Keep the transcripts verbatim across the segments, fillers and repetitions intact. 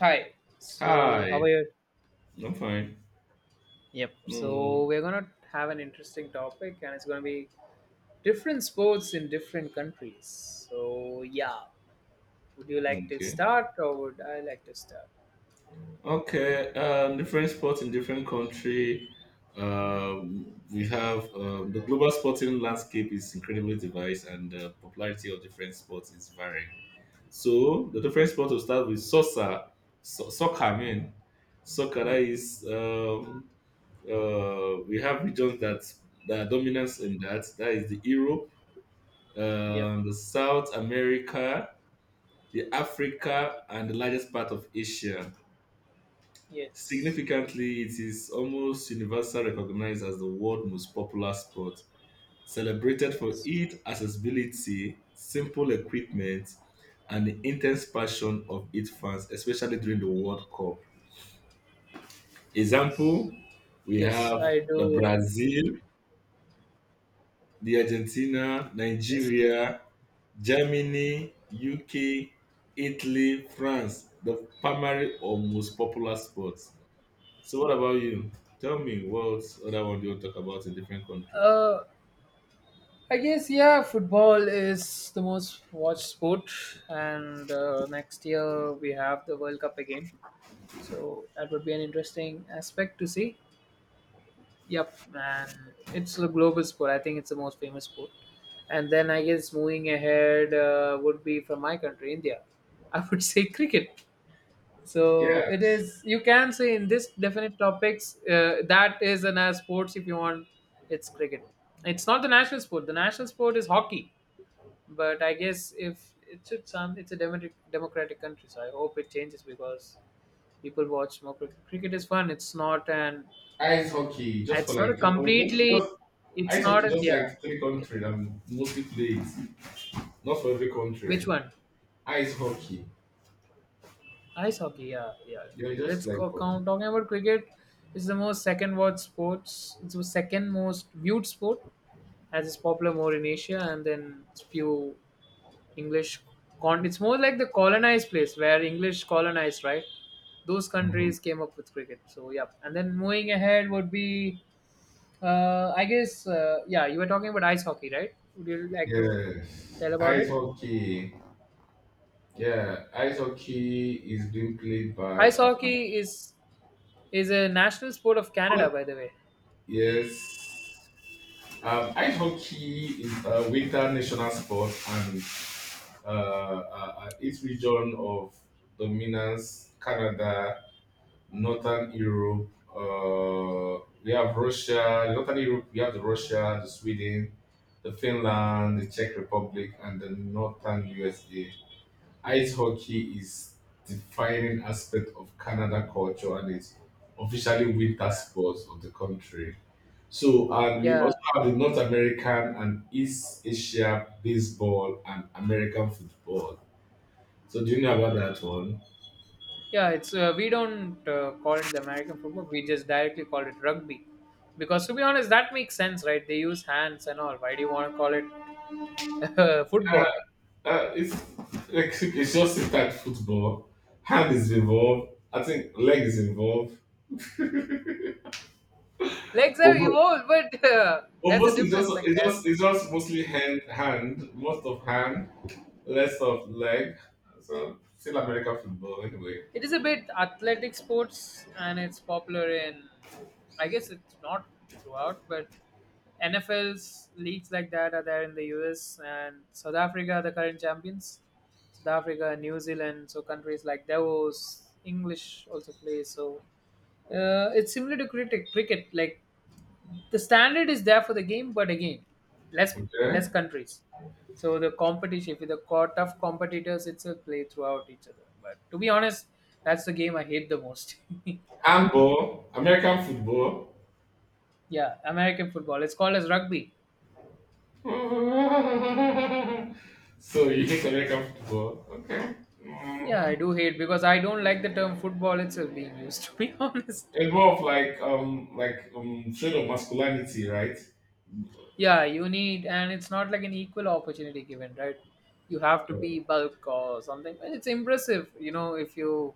Hi. So, how are Hi, you? I'm fine. Yep. So, Mm, we're going to have an interesting topic, and it's going to be different sports in different countries. So, yeah. Would you like to okay. start, or would I like to start? Okay. Um, different sports in different country. Um, we have um, The global sporting landscape is incredibly diverse, and the popularity of different sports is varying. So the different sports will start with soccer. So- soccer, I mean, Soccer that Hmm. is. Um, uh, we have regions that that are dominant in that. That is the Europe, Yep. um, the South America, the Africa, and the largest part of Asia. Yes. Significantly, it is almost universally recognized as the world's most popular sport, celebrated for Yes. its accessibility, simple equipment, and the intense passion of its fans, especially during the World Cup. Yes. Example, we Yes, have I the do. Brazil, the Argentina, Yes. Nigeria, Germany, U K, Italy, France, the primary or most popular sport. So what about you? Tell me what other one do you want to talk about in different country? Uh, I guess, yeah, football is the most watched sport, and uh, next year we have the World Cup again. So, that would be an interesting aspect to see. Yep, and it's a global sport. I think it's the most famous sport. And then I guess moving ahead uh, would be from my country, India. I would say cricket. Yeah, So it is. You can say in this definite topics uh, that is an as sports if you want. It's cricket. It's not the national sport. The national sport is hockey. But I guess if it's it's, um, it's a democratic democratic country, so I hope it changes because people watch more cricket. Cricket is fun. It's not an ice hockey just for it's like not a three, oh, just, completely just it's ice not hockey a just like yeah. three country that mostly play it. Not for every Which country. one? Ice hockey. Ice hockey, yeah, yeah. You're Let's just like go um, count talking about cricket it's the most second watch sports. It's the second most viewed sport as it's popular more in Asia, and then it's few English con it's more like the colonized place where English colonized, right? Those mhm. countries came up with cricket. So yeah, and then moving ahead would be, uh, I guess, uh, yeah, you were talking about ice hockey, right? Would you like to Yes. tell about Ice it? hockey. Yeah, ice hockey is being played by Ice uh, hockey is is a national sport of Canada, what- by the way. yes. Um, ice hockey is a winter national sport and uh, uh, its region of dominance, Canada, Northern Europe. Uh, we have Russia, Northern Europe. We have the Russia, the Sweden, the Finland, the Yes. Czech Republic, and the Northern U S A. Ice hockey is defining aspect of Canada culture and it's officially winter Yeah. sports of the country. So, and we Yeah. also have the North American and East Asia baseball and American football. So do you know about that one? Yeah. It's uh, we don't uh, call it the American football. We just directly call it rugby, because to be honest, that makes sense, right? They use hands and all. Why do you want to call it uh, football. Uh, it's like it's just like football. Hand is involved. I think leg is involved. Legs But, are mo- evolved, but uh, but there's a mostly just difference. Like it's there, just it's just mostly hand hand most of hand, less of leg. So still American football anyway. it is a bit athletic sports, and it's popular in. I guess it's not throughout, but N F L's leagues like that are there in the U S and South Africa. Are the current champions, South Africa, New Zealand, so countries like Davos, English also play. So uh, it's similar to cricket. Cricket, like the standard is there for the game, but again, less less Okay. countries. So the competition, with the co- tough competitors, it's a play throughout each other. But to be honest, that's the game I hate the most. Handball, American football. yeah, American football. It's called as rugby. so you hate American football? Okay. Yeah, I do hate because I don't like the term football itself being used. To be honest, Involve like um like um shade of masculinity, right? yeah, you need, and it's not like an equal opportunity given, right? You have to be bulk or something. It's impressive, you know, if you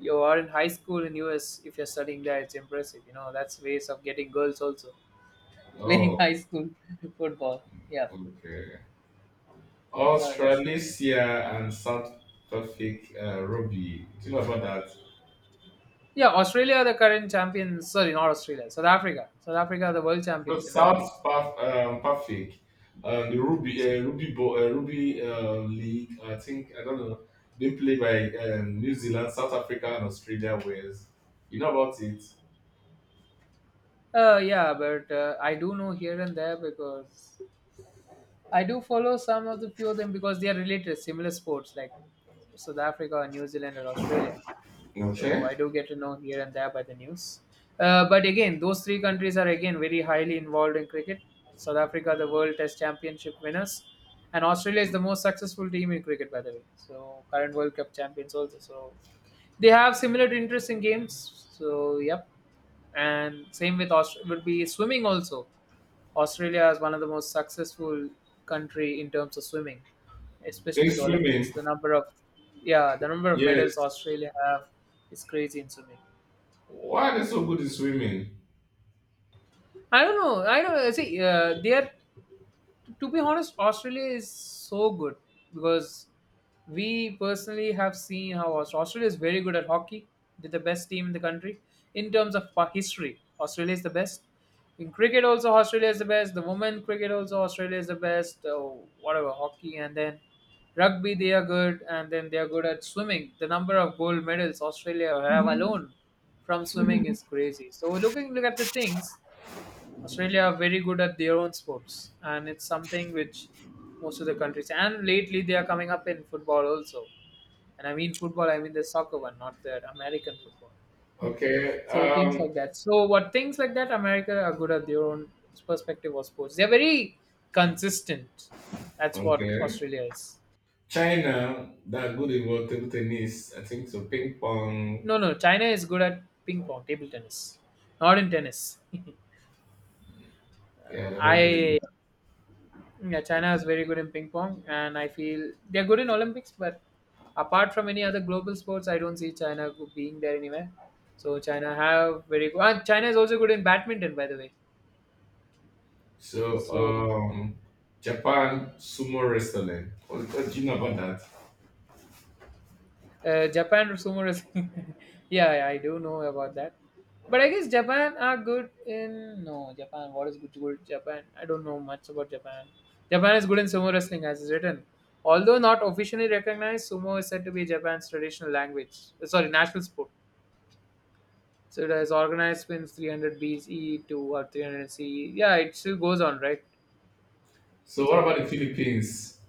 you are in high school in U S if you're studying there, it's impressive, you know, that's ways of getting girls also playing Oh, high school football. Yeah, okay. that's how it is. Australasia and South Pacific uh, Ruby. Do you know about that? Yeah, Australia are the current champions sorry, not Australia, South Africa, South Africa are the world No, champions in rugby. South Path, um, Pacific, um, the Ruby So, uh, Ruby Bo- uh, Ruby uh, League. I think I don't know. They play by um, New Zealand, South Africa, and Australia. Where's you know about it? uh, yeah, but uh, I do know here and there because I do follow some of the few of them because they are related similar sports like South Africa, New Zealand or Australia. Okay. So Okay. I do get to know here and there by the news. Uh, but again, those three countries are again very highly involved in cricket. South Africa, the World Test Championship winners, and Australia is the most successful team in cricket, by the way. So current World Cup champions also. So they have similar interests in games. So yep, and same with Aust- would be swimming also. Australia is one of the most successful country in terms of swimming, especially In in the Olympics. swimming, The number of, yeah, the number of yes. medals Australia have is crazy in swimming. Why are they so good in swimming? I don't know. I don't see. Uh, they are to be honest, Australia is so good because we personally have seen how Aus- Australia is very good at hockey. They're the best team in the country in terms of uh, history. Australia is the best. In cricket, also Australia is the best. The women cricket also Australia is the best. Uh, whatever hockey and then rugby, they are good, and then they are good at swimming. The number of gold medals Australia have alone from swimming is crazy. So looking look at the things, Australia are very good at their own sports, and it's something which most of the countries, and lately they are coming up in football also. And I mean football, I mean the soccer one, not the American football. Okay. So things Um, like that. So what things like that, America are good at their own perspective of sports. They're very consistent. That's what okay. Australia is. China, they're good in what, table tennis, I think so. Ping pong. No, no, China is good at ping pong, table tennis, not in tennis. Yeah, they're very I good. Yeah, China is very good in ping pong, and I feel they're good in Olympics. But apart from any other global sports, I don't see China go- being there anywhere. So China have very good. Ah, China is also good in badminton, by the way. So, So um, Japan sumo wrestling. What, what do you know about that? uh, Japan sumo wrestling. yeah, yeah, I do know about that. But I guess Japan are good in no Japan. What is good good Japan? I don't know much about Japan. Japan is good in sumo wrestling, as is written. Although not officially recognized, sumo is said to be Japan's traditional language. Sorry, national sport. So it has organized spins three hundred B C E to what three hundred C E. Yeah, it still goes on, right? So, what about the So Philippines?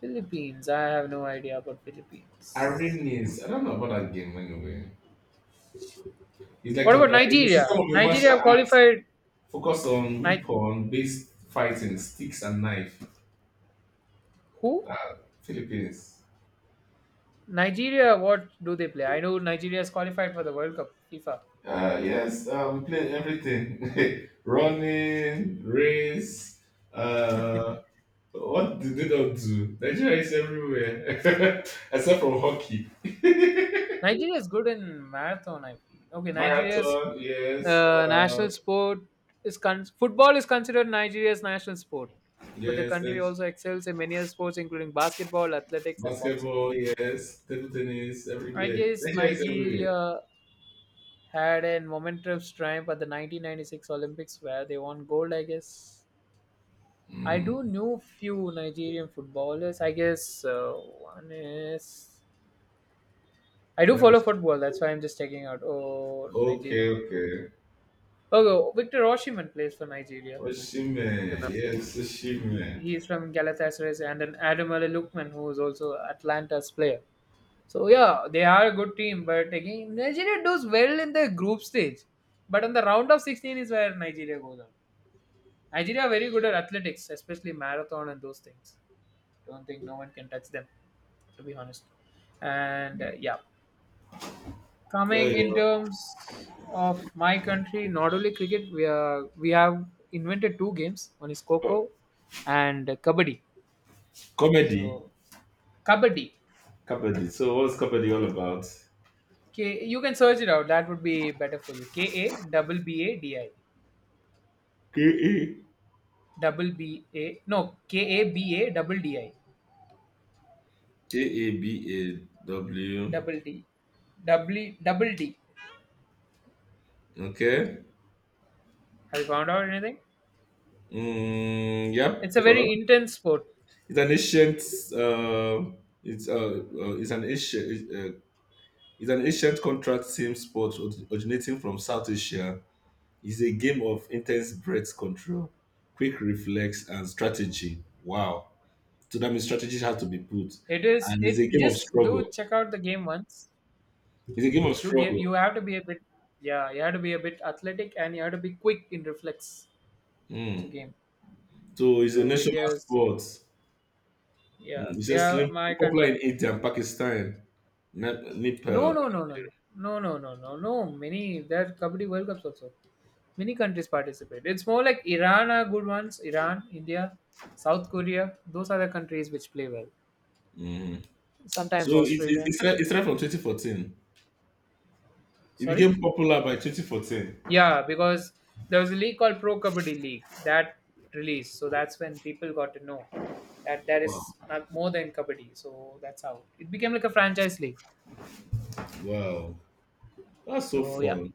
Philippines, I have no idea about Philippines. Aranis. I don't know about that game anyway. It's like What a, about it's a Nigeria? system of a Nigeria martial have arts qualified. focused on Ni- weapon based fighting, sticks and knife. who? Philippines. Nigeria. What do they play? I know Nigeria is qualified for the World Cup FIFA. Uh, yes, uh, we play everything, running, race. Uh, what do they not do? Nigeria is everywhere, except from hockey. Nigeria is good in marathon. I feel okay. Nigeria's Marathon, yes. uh, Uh, national sport is con- football is considered Nigeria's national sport, but the yes, country like also excels in many other sports, including basketball, athletics, and boxing. basketball, yes. Table tennis, I everywhere. guess Nigeria is everywhere. Nigeria had a momentous triumph at the nineteen ninety-six Olympics where they won gold. I guess I do know few Nigerian footballers. I guess uh, one is, I do Well, follow it's- football. That's why I'm just checking out. Oh, Nigerian okay, football. okay. Oh, oh, Victor Oshiman plays for Nigeria. Oshime, The man. yes, He Oshime. he is from Galatasaray, and then Adam Ali Lukman, who is also Atlanta's player. So yeah, they are a good team, but again Nigeria does well in the group stage. But in the round of sixteen is where Nigeria goes on. Nigeria are very good at athletics, especially marathon and those things. Don't think no one can touch them, to be honest. And uh, yeah, Yeah, coming in yeah. terms of my country, not only cricket, we are we have invented two games. One is Co- Coco and Kabaddi. Comedy, So Kabaddi, comedy. So, what's comedy all about? K, you can search it out. That would be better for you. K A double B A D I. K A double B A no K A B A double D I K A B A W. double D double double D. Okay. Have you found out anything? Mm, It's yep. a Uh, very intense sport. It's an ancient. Uh, it's uh, uh, it's an ancient. uh, It's an ancient contract team sport orig- originating from South Asia. It's a game of intense breath control, quick reflex, and strategy. Wow. So that means strategy has to be put. It is. And it's a It game of just struggle. do check out the game once. It's a game of Do give struggle. you have to be a bit, yeah, you have to be a bit athletic, and you have to be quick in reflex. It's a Mm. game. So it's a So national India's, sport. Mm. yeah, It's we just have slim- my country. Popular in India and Pakistan, Ne- No Nepal. no no no no no no no no no many, there are kabaddi World Cups also. Many countries participate. It's more like Iran are good ones. Iran, India, South Korea. Those are the countries which play well. Sometimes So it, it, Australia. it, started, it started from twenty fourteen. It Sorry? became popular by twenty fourteen. Yeah, because there was a league called Pro Kabaddi League that released. So that's when people got to know that there is not more than Kabaddi. So that's how it became like a franchise league. Wow. That's so So yeah, fun.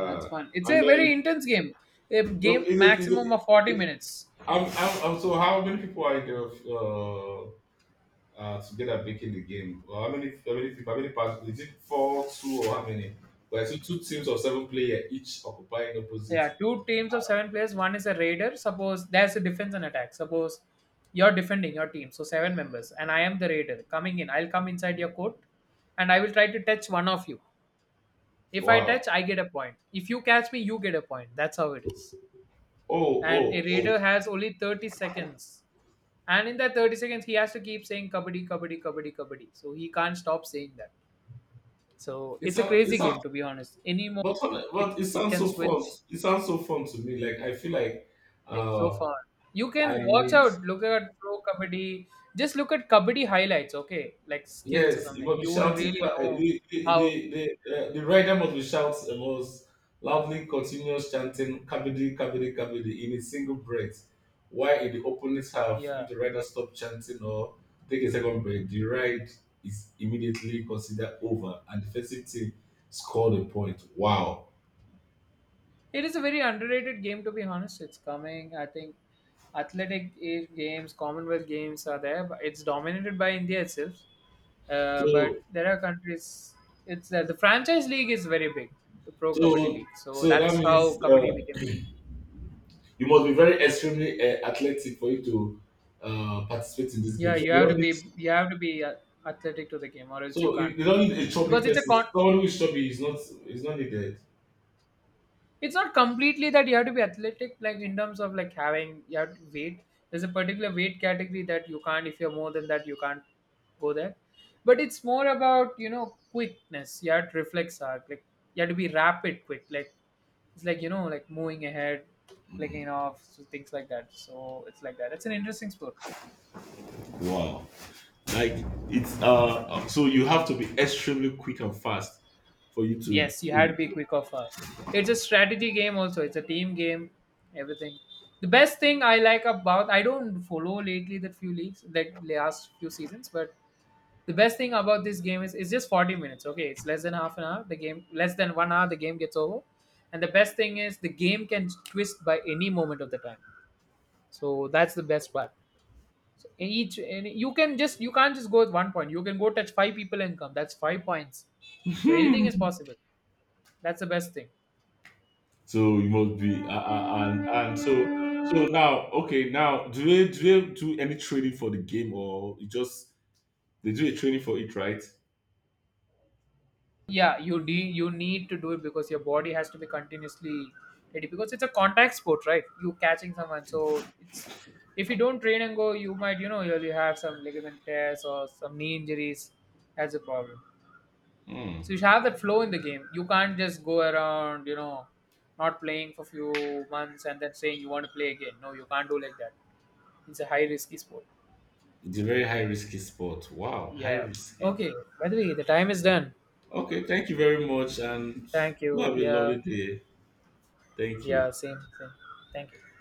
that's fun. It's a and very then intense game. A yo, game Is it, is maximum it, of forty it, minutes. I'm, I'm, I'm, so how many people are there uh, uh, together making the game? Or how many how many people, how many parts is it, four, two, or how many? Well, I see two teams of seven players each occupying opposite. Yeah, two teams of seven players. One is a raider. Suppose there's a defense and attack. Suppose you're defending your team, so seven members, and I am the raider coming in. I'll come inside your court, and I will try to touch one of you. If I touch, Wow. I get a point. If you catch me, you get a point. That's how it is. Oh, And a oh, oh. raider has only thirty seconds, and in that thirty seconds, he has to keep saying kabaddi, kabaddi, kabaddi, kabaddi. So he can't stop saying that. So It it's a sounds it crazy sound, game, to be honest. Any moment, but, it, but it it sounds can so fun. switch. It sounds so fun to me. Like I feel like It's so uh, fun. You can I watch need, out, look at pro kabaddi. Just look at kabaddi highlights, okay? Like skills or yes, you something. must be You will shouting. really cla- eh, know The the how. the the, uh, the rider must be shouts eh, must loudly continuous chanting "Kabidi, Kabidi, Kabidi" in a single breath. While in the opponent's half, Yeah, if the rider stops chanting or take a second break, the ride is immediately considered over, and the defensive team scored a point. Wow! it is a very underrated game, to be honest. It's coming. I think athletic a- games, Commonwealth games are there, but it's dominated by India itself. Uh, but So there are countries. It's uh, the franchise league is very big, the pro kabaddi so league. So so that that's how means kabaddi became. uh, you must be very extremely uh, athletic for you to uh, participate in this Yeah, game. So you they have to don't need, be you have to be uh, athletic to the game, or else you so can't. you, they don't need a chubby Because it's a person. con. Someone who is chubby is not is not needed. It's not completely that you have to be athletic, like in terms of like having you have to weight. There's a particular weight category that you can't. If you're more than that, you can't go there. But it's more about, you know, quickness. You have to reflex arc. Like you have to be rapid, quick. Like it's like, you know, like moving ahead, clicking off, so things like that. So it's like that. It's an interesting sport. Wow. Like it's uh uh, so you have to be extremely quick and fast for you to Yes, you play had to the be game. quick or fast. It's a strategy game also. It's a team game, everything. The best thing I like about, I don't follow lately the few leagues like last few seasons, but the best thing about this game is it's just forty minutes. Okay, it's less than half an hour. The game less than one hour, the game gets over. And the best thing is the game can twist by any moment of the time. So that's the best part. So each, and you can just you can't just go with one point. You can go touch five people and come. That's five points. So anything is possible. That's the best thing. So you must be uh, uh, and and so so now okay now do they do they do any training for the game, or you just they do a training for it, right? Yeah, you de you need to do it because your body has to be continuously ready because it's a contact sport, right? You catching someone, so it's if you don't train and go, you might, you know, you'll, you have some ligament tears or some knee injuries. That's a problem. So Hmm. you should have that flow in the game. You can't just go around, you know, not playing for few months and then saying you want to play again. No, you can't do like that. It's a high risky sport. It's a very high risky sport. Wow, high Yeah. risky. Okay. By the way, the time is done. Okay, thank you very much, and Thank you you. have a Yeah. lovely day. Thank you. Yeah. Same. Same. Thank you.